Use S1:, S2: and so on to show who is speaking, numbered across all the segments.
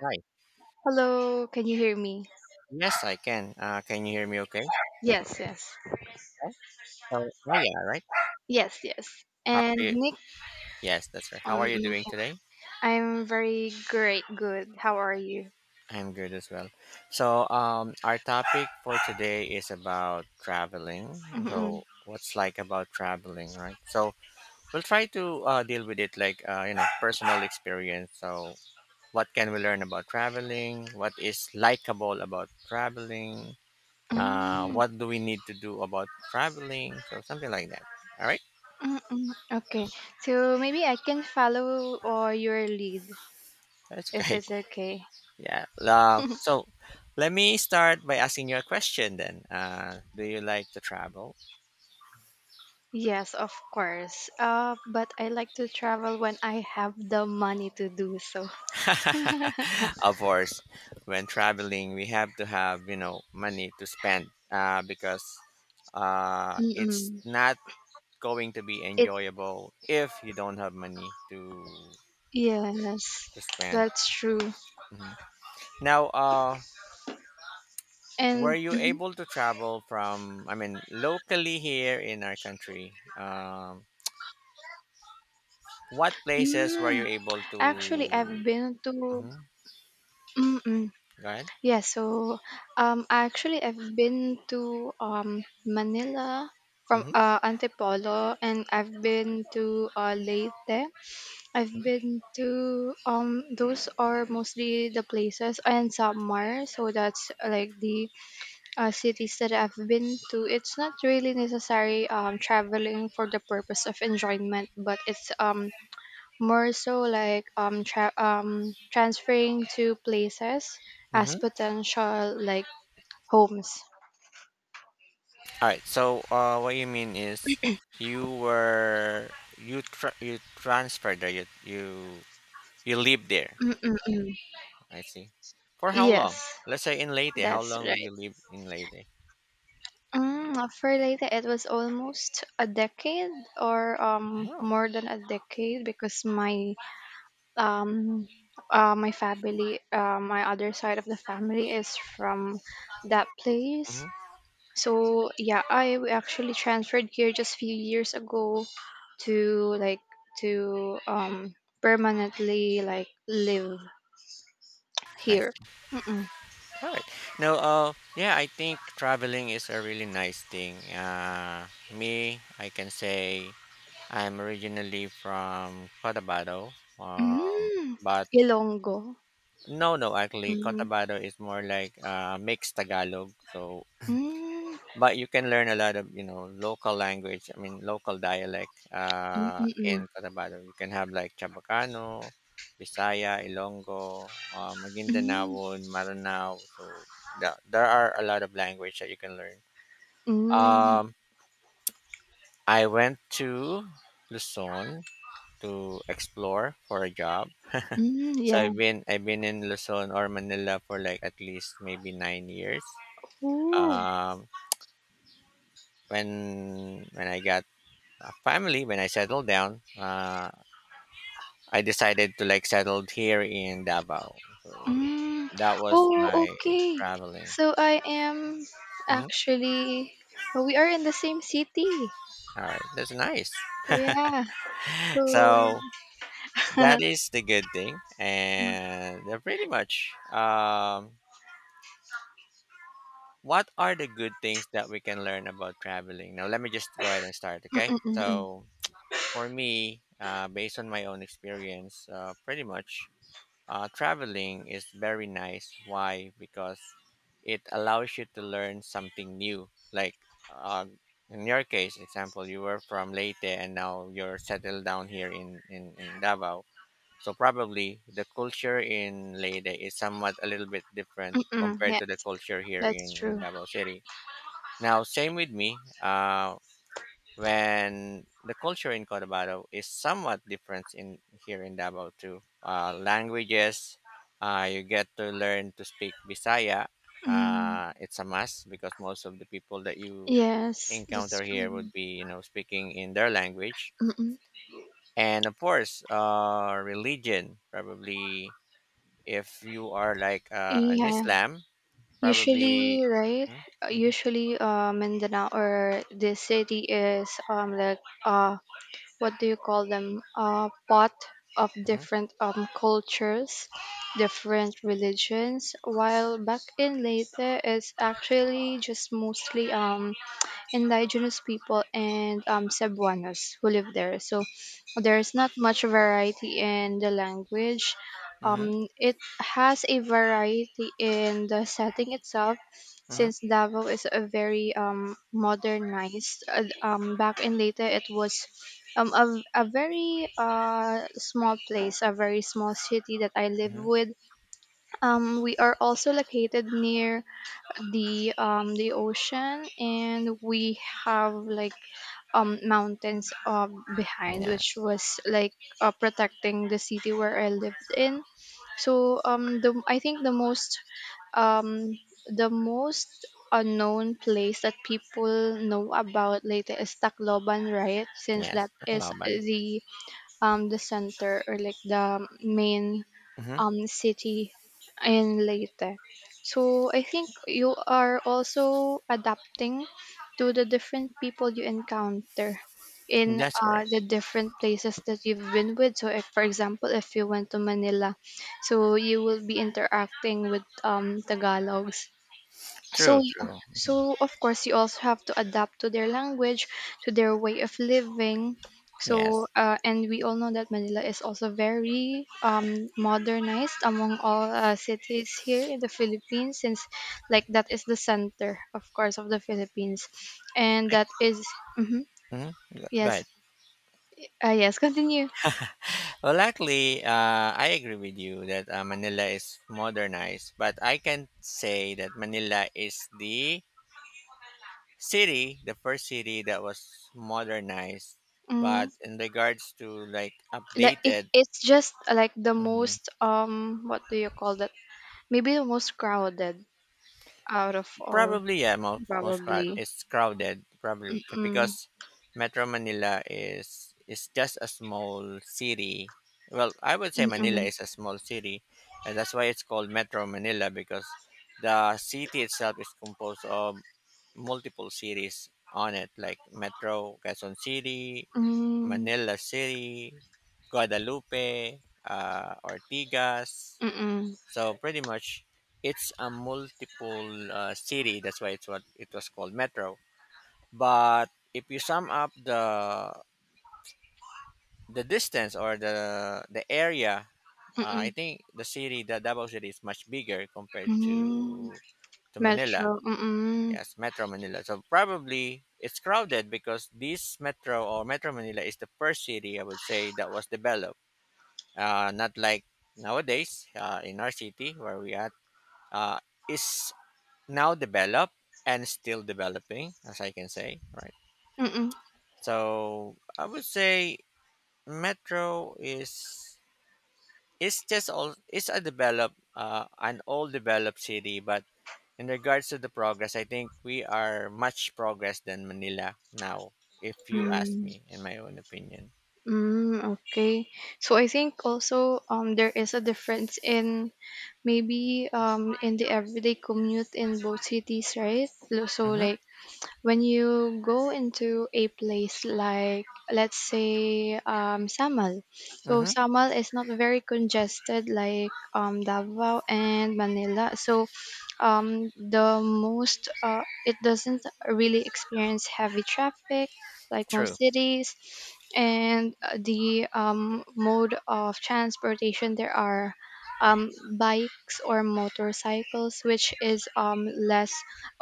S1: Hi.
S2: Hello, can you hear me?
S1: Yes, I can. Can you hear me okay?
S2: Yes, yes.
S1: Oh, oh, yeah, right.
S2: Yes, yes.
S1: How are
S2: And
S1: you?
S2: Nick,
S1: Yes, that's right. How
S2: um,
S1: are you
S2: mm,
S1: doing today?
S2: I'm very great, good. How are you?
S1: I'm good as well. Our topic for today is about traveling.
S2: Mm-mm.
S1: So, what's like about traveling, right? So, we'll try to deal with it like, personal experience. So, what can we learn about traveling? What is likable about traveling?
S2: Mm,
S1: What do we need to do about traveling? So, something like that. All right.
S2: mm-mm. Okay, so maybe I can follow or your lead
S1: That's
S2: if
S1: okay.
S2: it's okay.
S1: Yeah. Uh, so Let me start by asking you a question then. Do you like to travel?
S2: Yes, of course. But I like to travel when I have the money to do so.
S1: Of course, when traveling, we have to have, you know, money to spend because it's
S2: Mm-mm.
S1: not going to be
S2: It
S1: enjoyable if you don't have money
S2: Yes,
S1: to spend.
S2: that's true.
S1: Mhm. Now, were
S2: And
S1: you able to travel from, I mean, locally here in our country? What places were you
S2: mhm.
S1: able
S2: Actually,
S1: to?
S2: I've been to
S1: Hmm.
S2: mm-mm.
S1: Go ahead.
S2: Yeah. So, actually, I've been to Manila from
S1: Hmm.
S2: Antipolo, and I've been to Leyte. I've
S1: Mm-hmm.
S2: been to Those are mostly the places, and Samar. So that's like the cities that I've been to. It's not really necessary traveling for the purpose of enjoyment, but it's more so like transferring to places as
S1: Mm-hmm.
S2: potential like homes.
S1: All right. So, what you mean is you transferred there. You you lived there.
S2: Mm-mm-mm.
S1: I see. For how long?
S2: Yes,
S1: Let's say in Leyte. How
S2: that's
S1: long did
S2: right.
S1: you live in Leyte?
S2: For Leyte, it was almost a decade, or
S1: Oh.
S2: more than a decade, because um my family, my other side of the family, is from that place.
S1: Mm-hmm.
S2: So yeah, actually transferred here just few years ago to to um permanently like live
S1: Nice.
S2: here. Mm-mm.
S1: All right. Now, yeah, I think traveling is a really nice thing. Me, I can say I'm originally from Cotabato, um,
S2: Mm.
S1: but
S2: Ilonggo.
S1: no, no, actually,
S2: Mm.
S1: Cotabato is more like mixed Tagalog. So,
S2: Mm.
S1: but you can learn a lot of you know local language. I mean, local dialect in
S2: Mm-mm.
S1: Cotabato. You can have like Chabacano, Bisaya, Ilonggo,
S2: Mm.
S1: Maguindanaon, Maranao. So, there are a lot of language that you can learn.
S2: Mm.
S1: Um, I went to Luzon to explore for a job.
S2: Mm.
S1: So
S2: Yeah.
S1: I've been in Luzon or Manila for like at least maybe 9 years.
S2: Ooh.
S1: Um, when I got a family, when I settled down, I decided to like settled here in Davao. So
S2: Mm.
S1: that was
S2: Oh,
S1: my
S2: okay.
S1: traveling.
S2: So I am
S1: Mhm.
S2: actually Well, we are in the same city.
S1: All right, that's nice.
S2: Yeah. So.
S1: So that is the good thing, and pretty much. What are the good things that we can learn about traveling? Now, let me just go ahead and start. Okay,
S2: Mm-mm-mm-mm.
S1: so for me, based on my own experience, pretty much traveling is very nice. Why? Because it allows you to learn something new. Like uh, in your case, example, you were from Leyte and now you're settled down here in Davao. So probably the culture in Leyte is somewhat a little bit different
S2: Mm,
S1: compared
S2: yeah,
S1: to the culture here in,
S2: that's
S1: in
S2: true.
S1: Davao City. Now, same with me. When the culture in Cotabato is somewhat different in here in Davao too. Languages, you get to learn to speak Bisaya.
S2: Mm,
S1: It's a must because most of the people that you
S2: yes, that's
S1: encounter here
S2: true.
S1: would be, you know, speaking in their language.
S2: Mm-mm.
S1: And of course, religion. Probably, if you are like an
S2: Yeah,
S1: Islam, probably.
S2: usually, right?
S1: Mhm, mhm,
S2: Usually, Mindanao or the city is like, what do you call them? Pot of different cultures, different religions. While back in Leyte, it's actually just mostly indigenous people and Cebuanos who live there. So there's not much variety in the language.
S1: mhm, mhm,
S2: It has a variety in the setting itself,
S1: mhm,
S2: since Davao is a very modernized. Back in later, it was um, a, a very small place, a very small city that I live
S1: mhm.
S2: with. We are also located near the ocean, and we have like mountains behind,
S1: Yeah.
S2: which was like protecting the city where I lived in. So the I think um the most unknown place that people know about later is Tacloban, right? Since
S1: Yes,
S2: that
S1: the
S2: is
S1: Kalaban.
S2: the center, or like the main
S1: Mm-hmm.
S2: city in Leyte. So I think you are also adapting to the different people you encounter in
S1: That's correct.
S2: the different places that you've been with. So if, for example, if you went to Manila, so you will be interacting with Tagalogs, so
S1: True, true.
S2: so of course you also have to adapt to their language, to their way of living,
S1: Yes.
S2: so and we all know that Manila is also very modernized among all cities here in the Philippines, since like that is the center, of course, of the Philippines, and
S1: I,
S2: mhm,
S1: mhm. Go
S2: yes,
S1: ahead.
S2: yes, continue.
S1: Well, luckily, I agree with you that Manila is modernized, but I can say that Manila is the city, the first city that was modernized.
S2: Mm,
S1: But in regards to like
S2: like it,
S1: updated,
S2: it's just like the
S1: mhm.
S2: most, what do you call that? Maybe the most crowded out of all,
S1: Probably, yeah,
S2: probably.
S1: it's crowded probably because
S2: Mm.
S1: Metro Manila is just a small city. Well, I would say Manila
S2: Mm-mm.
S1: is a small city, and that's why it's called Metro Manila because the city itself is composed of multiple cities on it, like Metro Quezon City,
S2: Mm.
S1: Manila City, Guadalupe, Ortigas.
S2: Hmm. Mm.
S1: So pretty much, it's a multiple city. That's why it's what it was called metro. But if you sum up the distance or the area, I
S2: Mm.
S1: think the city, the Davao city, is much bigger compared
S2: Hmm.
S1: to Manila.
S2: Metro. Mm.
S1: Yes, Metro Manila. So probably it's crowded because this Metro or Metro Manila is the first city I would say that was developed. Not like nowadays in our city where we at uh, is now developed and still developing, as I can say, right?
S2: Mm.
S1: So I would say Metro is it's just all it's a developed an all developed city, but in regards to the progress, I think we are much progress than Manila now, if you ask
S2: Mm.
S1: me, in my own opinion.
S2: Mm. Okay. So I think also there is a difference in, maybe in the everyday commute in both cities, right? So
S1: Mm-hmm.
S2: like, when you go into a place like, let's say, Samal, so
S1: Mm-hmm.
S2: Samal is not very congested like Davao and Manila. So it doesn't really experience heavy traffic like
S1: True.
S2: most cities, and the mode of transportation there are bikes or motorcycles,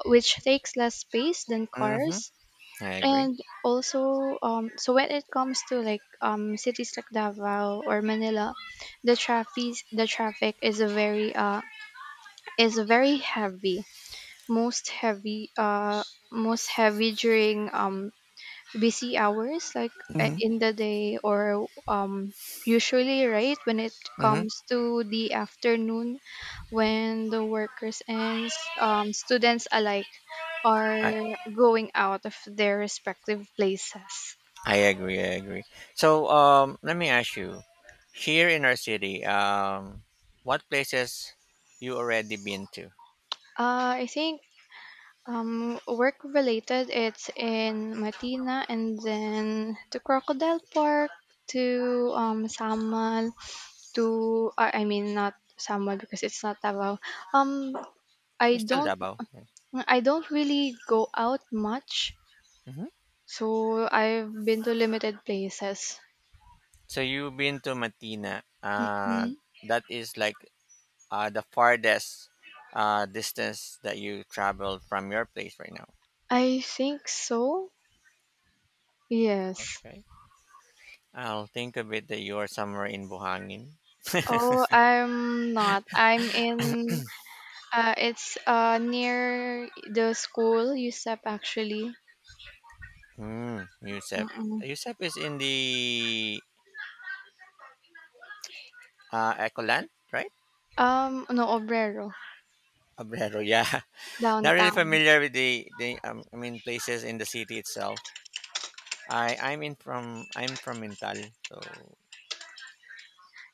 S2: which takes less space than
S1: Mm-hmm.
S2: cars.
S1: I agree.
S2: And also so when it comes to like cities like Davao or Manila, the traffic, is very heavy, most heavy uh most heavy during busy hours, like
S1: Mm-hmm.
S2: in the day, or usually, right, when it
S1: Mm-hmm.
S2: comes to the afternoon, when the workers and students alike are going out of their respective places.
S1: I agree. I agree. So, let me ask you, here in our city, what places you already been to?
S2: I think, work related, it's in Matina, and then to Crocodile Park, to Samal, to I mean, not Samal because it's not Davao. um
S1: You're
S2: I
S1: still
S2: don't
S1: Davao.
S2: I don't really go out much,
S1: Hmm.
S2: so I've been to limited places.
S1: So you've been to Matina.
S2: Mm-mm.
S1: That is like the farthest distance that you traveled from your place right now.
S2: I think so. Yes.
S1: Okay. I'll think of it that you're somewhere in Buhangin.
S2: Oh, I'm not. I'm in, it's near the school, USEP actually.
S1: Hmm, Yusep.
S2: Mm-mm.
S1: Yusef is in the Ecoland, right?
S2: No, Obrero,
S1: Abrero, yeah. Not really
S2: downtown.
S1: familiar with the I mean places in the city itself. I'm from Mintal, so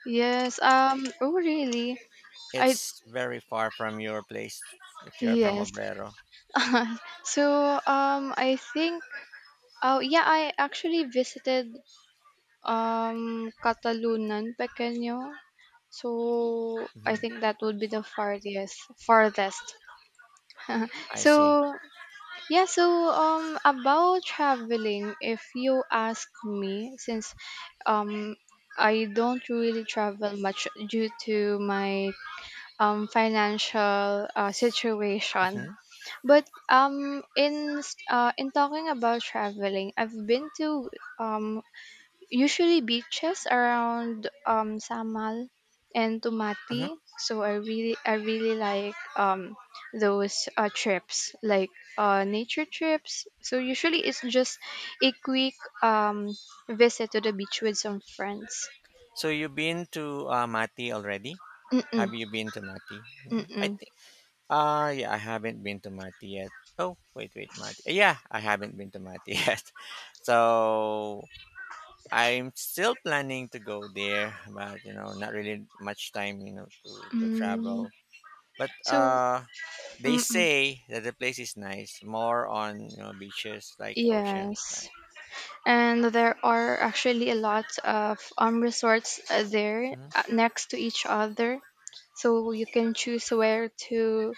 S2: Yes, oh, really? I
S1: it's very far from your place if you're from
S2: Yes.
S1: Obrero.
S2: So, I think oh, yeah, I actually visited, Catalunan Pequeño. So I
S1: Hmm.
S2: think that would be the farthest, farthest.
S1: I
S2: So
S1: see.
S2: yeah, so about traveling, if you ask me, since um, I don't really travel much due to my financial situation.
S1: Hmm.
S2: But in talking about traveling, I've been to, um usually, beaches around Samal and
S1: Hmm.
S2: Tumati. So I really like those trips, like nature trips. So usually it's just a quick um visit to the beach with some friends.
S1: So you've been to Mati already?
S2: Mm-mm,
S1: Have you been to Mati? Mhm. I
S2: mm-mm.
S1: think. Yeah, I haven't been to Mati yet. Oh Mati. Yeah, I haven't been to Mati yet. So I'm still planning to go there, but you know, not really much time, you know, to
S2: Mm,
S1: travel. But
S2: so
S1: they
S2: mm-mm,
S1: say that the place is nice, more on you know beaches like oceans,
S2: yes.
S1: right?
S2: And there are actually a lot of resorts there,
S1: Hmm.
S2: next to each other, so you can choose where to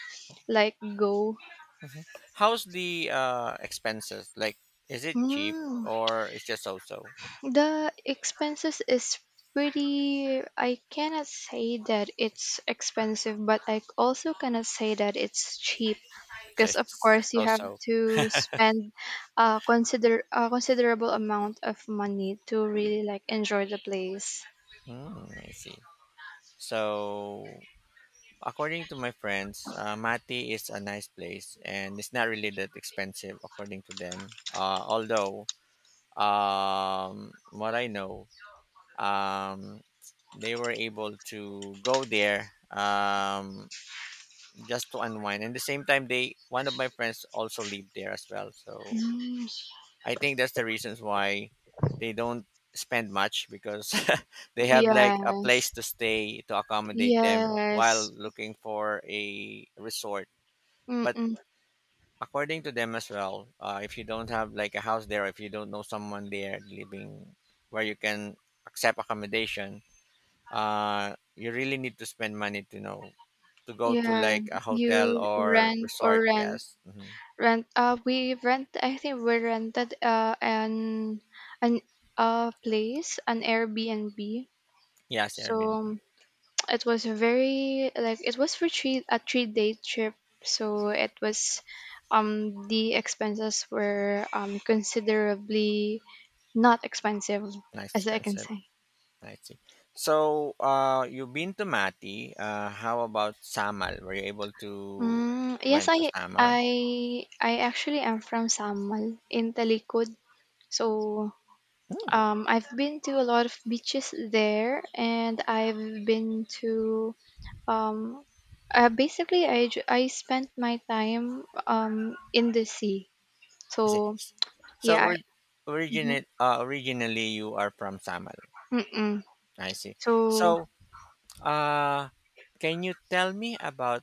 S2: like go.
S1: Hmm. How's the expenses? Like, is it cheap
S2: mm,
S1: or it's just so so?
S2: the expenses is pretty I cannot say that it's expensive, but I also cannot say that it's cheap,
S1: So
S2: because of
S1: it's
S2: course you
S1: so
S2: have
S1: so.
S2: to spend a considerable amount of money to really like enjoy the place.
S1: Mm, I see. So according to my friends, Mati is a nice place and it's not really that expensive according to them. Although what I know, um, they were able to go there just to unwind. And the same time, they one of my friends also lived there as well. So
S2: Mm,
S1: I think that's the reasons why they don't spend much because they have like a place
S2: yes,
S1: to stay to accommodate them while
S2: yes.
S1: looking for a resort. But
S2: Mm-mm.
S1: according to them as well if you don't have like a house there if you don't know someone there living where you can accept accommodation you really need to spend money to know to go to
S2: Yeah,
S1: like a hotel
S2: you
S1: or
S2: rent or
S1: resort
S2: rent.
S1: yes hmm
S2: Rent. We rent. I think we rented an place, an Airbnb.
S1: yes airbnb
S2: So it was a very like it was for 3-day trip. So it was the expenses were considerably not expensive,
S1: nice
S2: as I can
S1: expensive
S2: say.
S1: I see so you've been to mati how about samal were you able to
S2: Mm, yes,
S1: went
S2: I
S1: to samal.
S2: I I actually am from Samal, in Talikod. So,
S1: Hmm,
S2: I've been to a lot of beaches there, and I've been to, um, basically I spent my time in the sea. So
S1: I see. so
S2: yeah,
S1: ori-
S2: mhm,
S1: originate originally you are from samal.
S2: mm-mm.
S1: I see.
S2: So
S1: So, uh, can you tell me about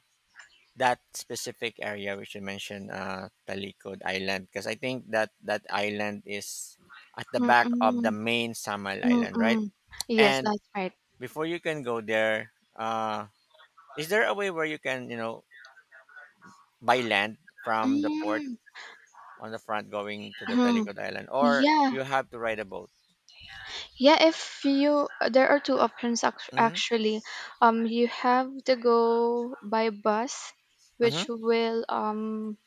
S1: that specific area which you mentioned, Talikod Island? Because I think that that island is at the back of the
S2: mm-mm,
S1: main Samal Island, right?
S2: mm-mm. Yes,
S1: And
S2: that's right.
S1: before you can go there, is there a way where you can, you know, buy land from the port
S2: Mm,
S1: on the front going to the
S2: mm.
S1: Talikod Island, or
S2: Yeah,
S1: you have to ride a boat?
S2: yeah. If you There are two options,
S1: Mm-hmm.
S2: actually. You have to go by bus,
S1: Mm-hmm.
S2: which will um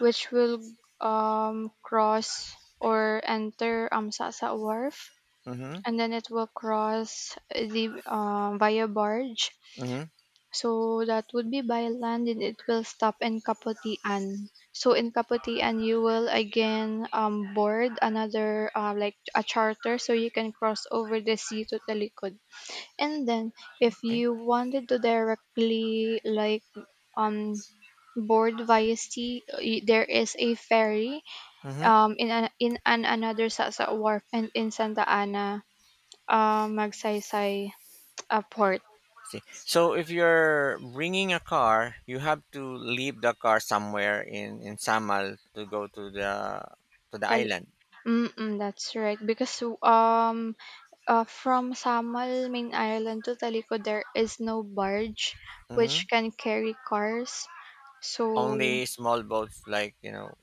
S2: which will cross or enter Sasa Wharf,
S1: Mm-hmm.
S2: and then it will cross the via barge.
S1: Mm-hmm.
S2: So that would be by land, and it will stop in Kaputian. So in Kaputian, you will again board another, like a charter, so you can cross over the sea to Talikod. And then, if
S1: Okay.
S2: you wanted to directly like um board via sea, there is a ferry in an another sa wharf, and in Santa Ana, Magsaysay port.
S1: See. So if you're bringing a car, you have to leave the car somewhere in Samal to go to the
S2: Tal-
S1: island.
S2: that's right. Because, from Samal main island to Taliko, there is no barge
S1: Hmm.
S2: which can carry cars. So,
S1: Only small boats like you know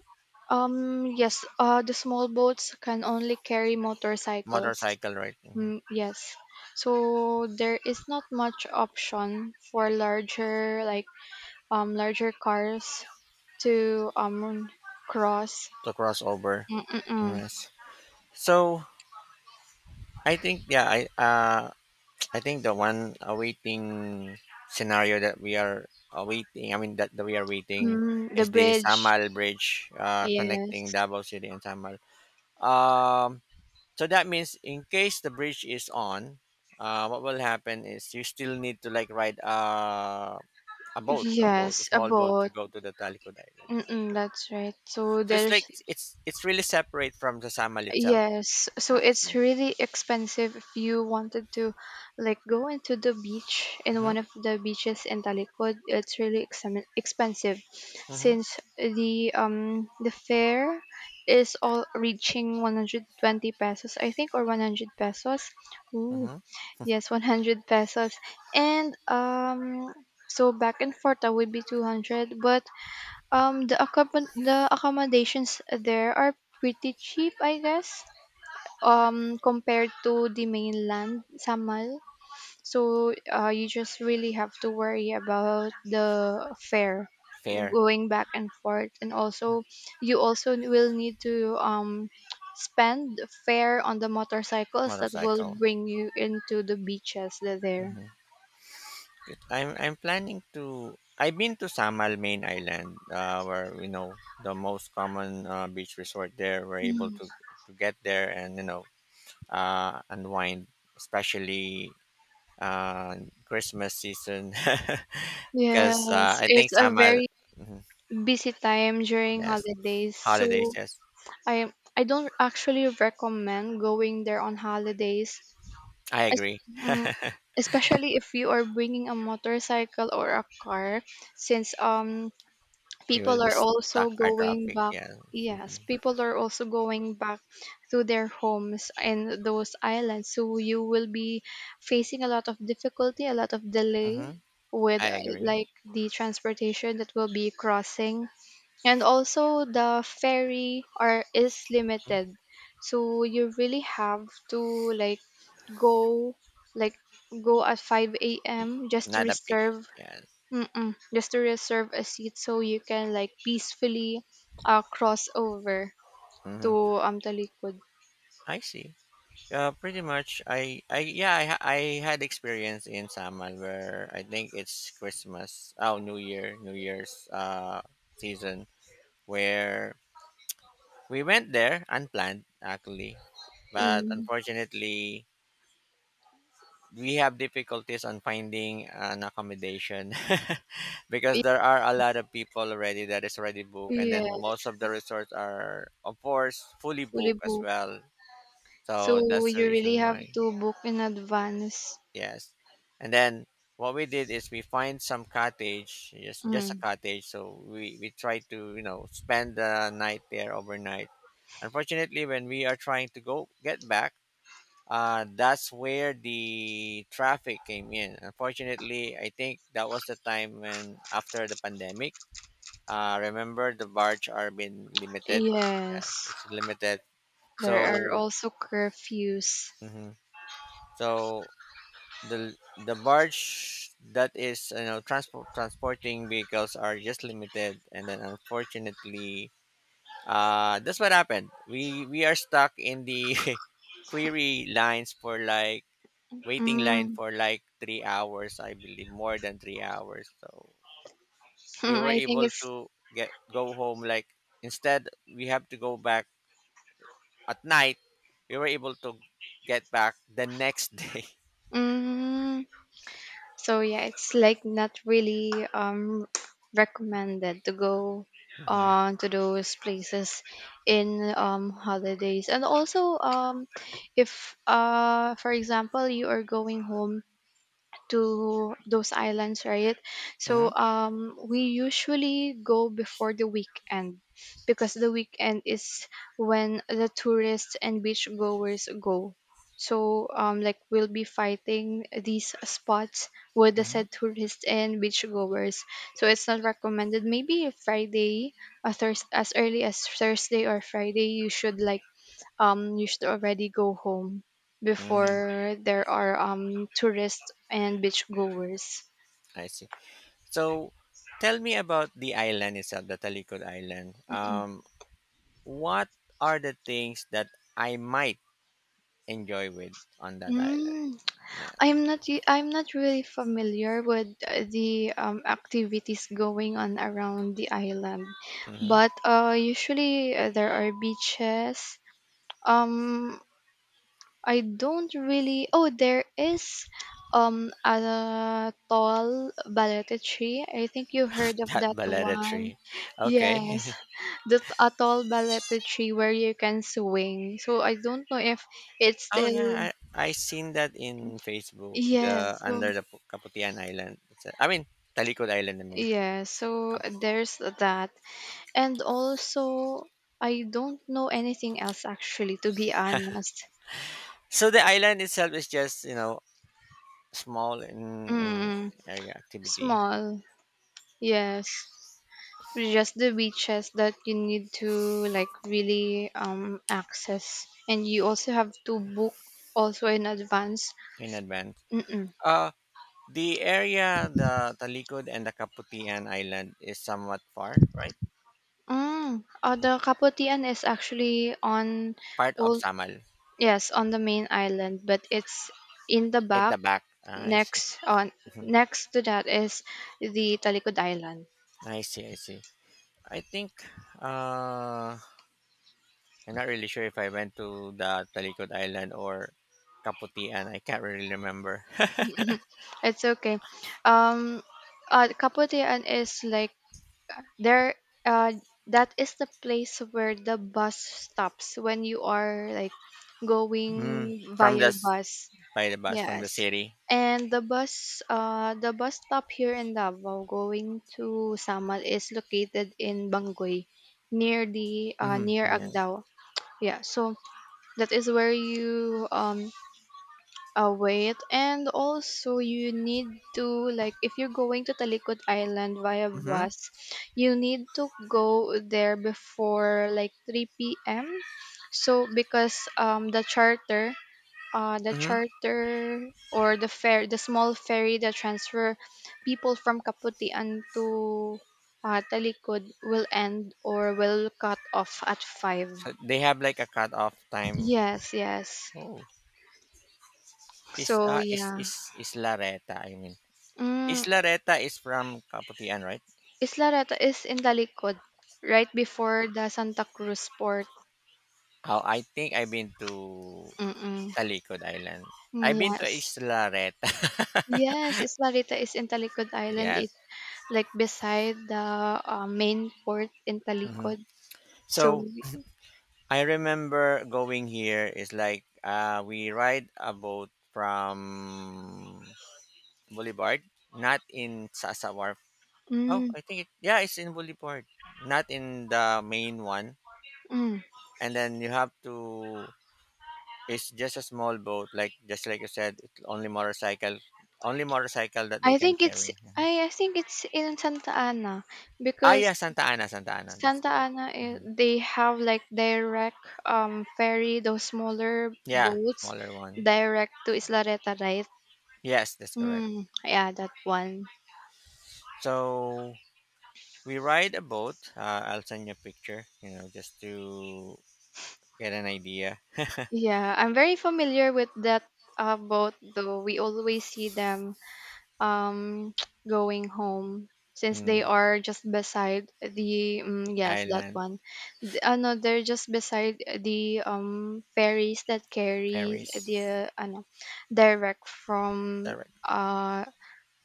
S2: yes, the small boats can only carry motorcycles.
S1: motorcycle, right, mhm,
S2: Mm, yes. So there is not much option for larger cars to cross.
S1: to cross over.
S2: Mm-mm-mm.
S1: Yes. So I think yeah, I think the one awaiting scenario that we are awaiting, I mean that, that we are waiting
S2: Mm, the
S1: is the
S2: bridge.
S1: Samal Bridge connecting
S2: Yes.
S1: Davao City and Samal. Um, so that means in case the bridge is on, what will happen is you still need to like ride a boat, a
S2: Yes, a
S1: small boat to
S2: boat.
S1: go to the Talikod Island.
S2: Mm-mm,
S1: Okay.
S2: that's right. So
S1: So it's like
S2: there's
S1: it's really separate from the Samal itself.
S2: Yes. So
S1: I
S2: it's
S1: see.
S2: really expensive if you wanted to like go into the beach, in
S1: Mm-hmm.
S2: one of the beaches in Talikod. It's really exam expensive,
S1: Mm-hmm.
S2: since the fare is all reaching 120 pesos, I think, or 100 pesos.
S1: Mm-hmm.
S2: Yes, 100 pesos. And so back and forth that would be 200, but the accommodations there are pretty cheap, I guess. Compared to the mainland, Samal. So you just really have to worry about the fare
S1: Fair
S2: going back and forth, and also you also will need to spend fare on the motorcycles that will
S1: motorcycle.
S2: bring you into the beaches that there.
S1: Mm-hmm. Good. I'm planning to. I've been to Samal Main Island, where you know the most common beach resort there. We're able
S2: Mm.
S1: to get there and you know unwind, especially uh, Christmas season, because
S2: Yes,
S1: I
S2: it's
S1: think
S2: a
S1: summer,
S2: very
S1: mhm,
S2: busy time during
S1: yes,
S2: holidays.
S1: holidays,
S2: So
S1: yes,
S2: I don't actually recommend going there on holidays,
S1: I
S2: es-
S1: agree.
S2: mm, especially if you are bringing a motorcycle or a car, since
S1: We will
S2: people
S1: be
S2: are also
S1: stuck our
S2: going
S1: traffic,
S2: back.
S1: yeah. Hmm.
S2: Yes, people are also going back to their homes in those islands, so you will be facing a lot of difficulty, a lot of
S1: Hmm.
S2: delay, with
S1: I agree.
S2: like, the transportation that will be crossing. And also the ferry are is
S1: Mhm.
S2: limited, so you really have to like go like go at 5 a.m. just to
S1: Not a peak,
S2: reserve.
S1: yes.
S2: Mm-mm, just to reserve a seat, so you can like peacefully cross over
S1: Hmm.
S2: to Talikod.
S1: I see. Pretty much, I yeah, I had experience in Samal where I think it's Christmas, oh New Year, New Year's season where we went there unplanned, actually, but
S2: Mm.
S1: unfortunately, we have difficulties on finding an accommodation because
S2: Y-
S1: there are a lot of people already that is already booked, and then
S2: yes,
S1: most of the resorts are, of course, fully
S2: fully
S1: booked as
S2: booked,
S1: well. So
S2: so
S1: that's the
S2: you really
S1: reason
S2: have
S1: why.
S2: to book in advance.
S1: Yes, and then what we did is we find some cottage, just a
S2: Mm.
S1: cottage. So we try to you know spend the night there overnight. Unfortunately, when we are trying to go get back that's where the traffic came in. Unfortunately, I think that was the time when after the pandemic, remember the barge are being limited. Yes,
S2: Yes,
S1: it's limited.
S2: there are
S1: So,
S2: also curfews.
S1: mhm. So the barge that is transport transporting vehicles are just limited, and then unfortunately, that's what happened. We are stuck in the query lines for like waiting line
S2: Mm.
S1: for like 3 hours, I believe, more than 3 hours. So we
S2: Mm.
S1: were
S2: I think
S1: able
S2: it's
S1: to get go home. Like instead, we have to go back at night. We were able to get back the next day.
S2: mm, So yeah, it's like not really recommended to go
S1: Hmm.
S2: on to those places in holidays. And also, if, for example, you are going home to those islands, right? So
S1: Hmm.
S2: we usually go before the weekend, because the weekend is when the tourists and beach goers go. So like, we'll be fighting these spots with the
S1: Hmm.
S2: said tourists and beach goers. So it's not recommended. Maybe Friday, as early as Thursday or Friday, you should like you should already go home
S1: Hmm.
S2: before there are tourists and beach goers.
S1: I see. So tell me about the island itself, the Talikod Island. What are the things that I might enjoy with on that island?
S2: Mm,
S1: Yeah.
S2: I'm not really familiar with the activities going on around the island,
S1: Hmm.
S2: but usually there are beaches. Um, I don't really. Oh, there is a tall balete tree. I think you heard of
S1: That
S2: that
S1: baleta
S2: one.
S1: tree.
S2: Yes,
S1: Okay.
S2: a tall balete tree where you can swing. So I don't know if it's
S1: Oh yeah,
S2: still.
S1: I seen that in Facebook. The
S2: Yeah. So
S1: under the Kaputian Island. It's a, I mean Talikod Island. I mean.
S2: yeah. So there's that, and also I don't know anything else actually. To be honest,
S1: So the island itself is just small in
S2: mm,
S1: area activity
S2: small. Yes. Just the beaches that you need to like really access, and you also have to book also in advance.
S1: in advance.
S2: Mm-mm.
S1: Uh, the area, the Talikod and the Kaputian Island is somewhat far, right?
S2: Mm, the Kaputian is actually on
S1: Part of
S2: all,
S1: Samal
S2: yes, on the main island, but it's in the
S1: at
S2: back.
S1: the back. Ah, I see.
S2: Next on,
S1: Mhm.
S2: next to that is the Talikod Island.
S1: I see. I see. I think. Uh, I'm not really sure if I went to the Talikod Island or Kaputian. I can't really remember.
S2: It's okay. um Kaputian is like there, uh that is the place where the bus stops when you are like
S1: Mm,
S2: going
S1: from
S2: via
S1: just
S2: bus.
S1: by the bus from the
S2: Yes,
S1: city.
S2: and the bus stop here in Davao going to Samal is located in Bangoy, near the near
S1: Mm-hmm. Yeah.
S2: Agdao. Yeah, so that is where you wait, and also you need to, like, if you're going to Talikod Island via
S1: Mm-hmm.
S2: bus, you need to go there before like 3 p.m. So because the charter, the
S1: Mm-hmm.
S2: charter or the fair, the small ferry that transfer people from Kaputian to Talikod will end or will cut off at 5.
S1: So they have like a cutoff time.
S2: Yes, yes.
S1: Oh, is
S2: So
S1: uh is
S2: yeah.
S1: is is Lareta? I mean, is
S2: Mm.
S1: Lareta is from Kaputian, right?
S2: Isla Reta is in the likod, right before the Santa Cruz port.
S1: Oh, I think I've been to
S2: Mm-mm.
S1: Talikod Island. I've been to
S2: Yes.
S1: Isla Reta.
S2: Yes, Isla Rita is in Talikod Island. It's
S1: Yes.
S2: like beside the main port in
S1: Hmm.
S2: Talikod. So,
S1: So I remember going here is like we ride a boat from Boulevard, not in Sasa Wharf. Oh,
S2: mm,
S1: I think it yeah, it's in Boulevard, not in the main one.
S2: mm.
S1: And then you have to it's just a small boat, like just like you said, it's only motorcycle that they
S2: I
S1: can
S2: think it's
S1: carry. Mhm.
S2: I think it's in Santa Ana,
S1: Ah, yeah,
S2: because
S1: Santa Ana, Santa Ana, that's
S2: Santa
S1: correct.
S2: Ana,
S1: Hmm.
S2: they have like direct ferry, those smaller
S1: Yeah,
S2: boats
S1: smaller one.
S2: direct to Isla Reta, right?
S1: Yes, that's correct.
S2: Mm, yeah, that one.
S1: So we ride a boat. I'll send you a picture, you know, just to get an idea.
S2: Yeah, I'm very familiar with that boat, though we always see them um, going home since they
S1: Mm,
S2: are just beside the yes that
S1: island,
S2: one. No, they're just beside the ferries that carry
S1: ferries,
S2: the ano, direct from
S1: direct,
S2: uh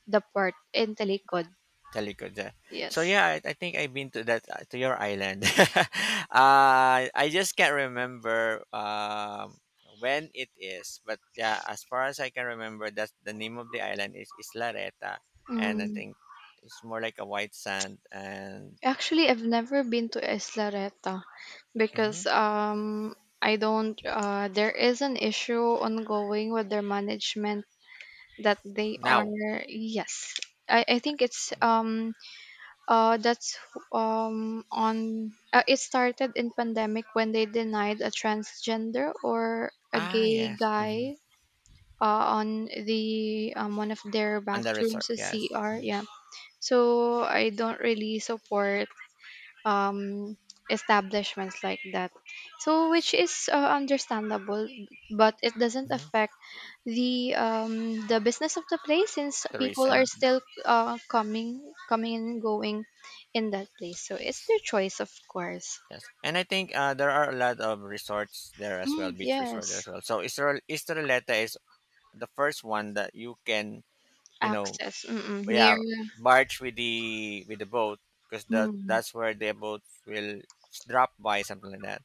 S2: the port in Talikod.
S1: Telikoda. So
S2: Yes.
S1: yeah, I think I've been to that to your island. I just can't remember when it is, but yeah, as far as I can remember, that's the name of the island is Islareta, and I
S2: Mm.
S1: think it's more like a white sand. And
S2: Actually, I've never been to Isla Reta
S1: mhm.
S2: because I don't. There is an issue ongoing with their management that they are,
S1: Now,
S2: yes. I think it's um that's on it started in pandemic when they denied a transgender or a
S1: ah
S2: gay
S1: yes. Mhm.
S2: guy, on the one of their
S1: And the resort
S2: bathrooms, a
S1: yes.
S2: CR. Yeah, so I don't really support um, establishments like that. So, which is understandable, but it doesn't
S1: Mm-hmm.
S2: affect the business of the place, since people are
S1: Tourism
S2: still coming, coming and going in that place. So it's their choice, of course.
S1: yes. And I think there are a lot of resorts there as well,
S2: Mm,
S1: beach resort there
S2: yes,
S1: as well, so Israelita is the first one that you can you know
S2: access. Mm-mm. Near.
S1: yeah barge with the boat because that
S2: Mm,
S1: that's where the boat will drop by something like that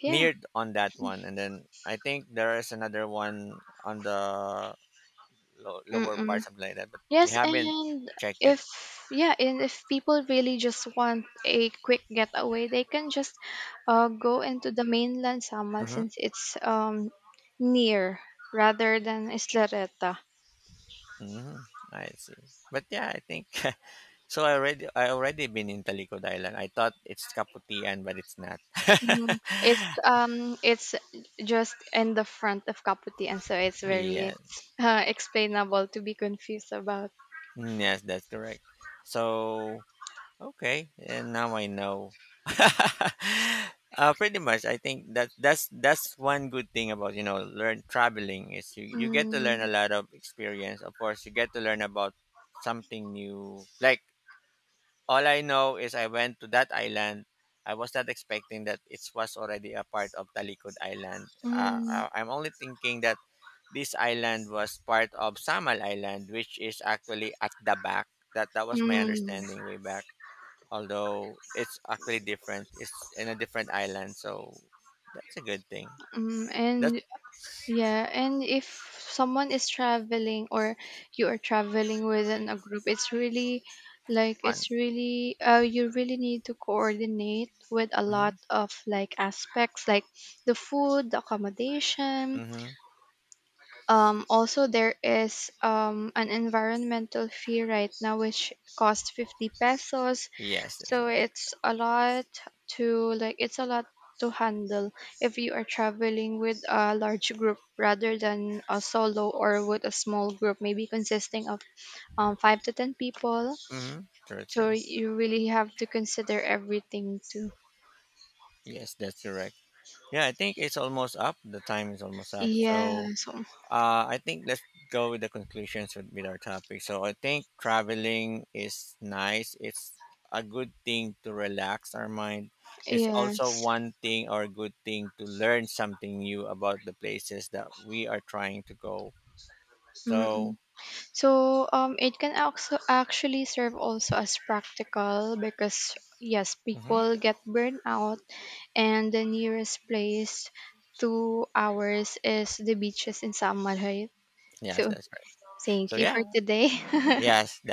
S2: yeah.
S1: near on that one, and then I think there is another one on the lower part
S2: Mm-mm.
S1: something like that, but we
S2: Yes,
S1: haven't
S2: and
S1: checked it.
S2: if, yeah, and if people really just want a quick getaway, they can just go into the mainland Sama,
S1: Mm-hmm.
S2: since it's near, rather than Islareta.
S1: Mm-hmm. I see, but yeah I think so I already been in Talikod Island. I thought it's Kaputian, but it's not.
S2: Mhm. It's just in the front of Kaputi, and so it's very
S1: Yeah,
S2: explainable to be confused about.
S1: mm, yes, that's correct. So okay, and now I know. Pretty much, I think that that's one good thing about you know learn traveling is you get to learn
S2: Mm,
S1: a lot of experience. Of course, you get to learn about something new, like all I know is I went to that island. I was not expecting that it was already a part of Talikod Island.
S2: mm,
S1: I'm only thinking that this island was part of Samal Island, which is actually at the back. That was my
S2: mm,
S1: understanding way back. Although it's actually different, it's in a different island, so that's a good thing.
S2: mm.
S1: That's
S2: And yeah, and if someone is traveling, or you are traveling within a group, it's really, like,
S1: fun.
S2: it's really you really need to coordinate with a
S1: Mm-hmm.
S2: lot of like aspects, like the food, the accommodation,
S1: Mm-hmm.
S2: also, there is an environmental fee right now, which costs 50 pesos.
S1: Yes, that's
S2: So
S1: it.
S2: it's a lot to, like, it's a lot to handle if you are traveling with a large group, rather than a solo or with a small group, maybe consisting of five to 10 people.
S1: Mm-hmm. True,
S2: So
S1: true.
S2: you really have to consider everything too.
S1: Yes, that's correct. Yeah, I think it's almost up. The time is almost up. So
S2: Yeah. So,
S1: I think let's go with the conclusions with our topic. So I think traveling is nice. It's a good thing to relax our mind. It's also
S2: yes.
S1: one thing or a good thing to learn something new about the places that we are trying to go. So,
S2: Mm-mm. So it can also actually serve also as practical, because yes,
S1: mhm.
S2: people get burned out, and the nearest place to ours is the beaches in Samarayt.
S1: Yes,
S2: So
S1: that's right. So
S2: thank you for
S1: yeah,
S2: today.
S1: yes, that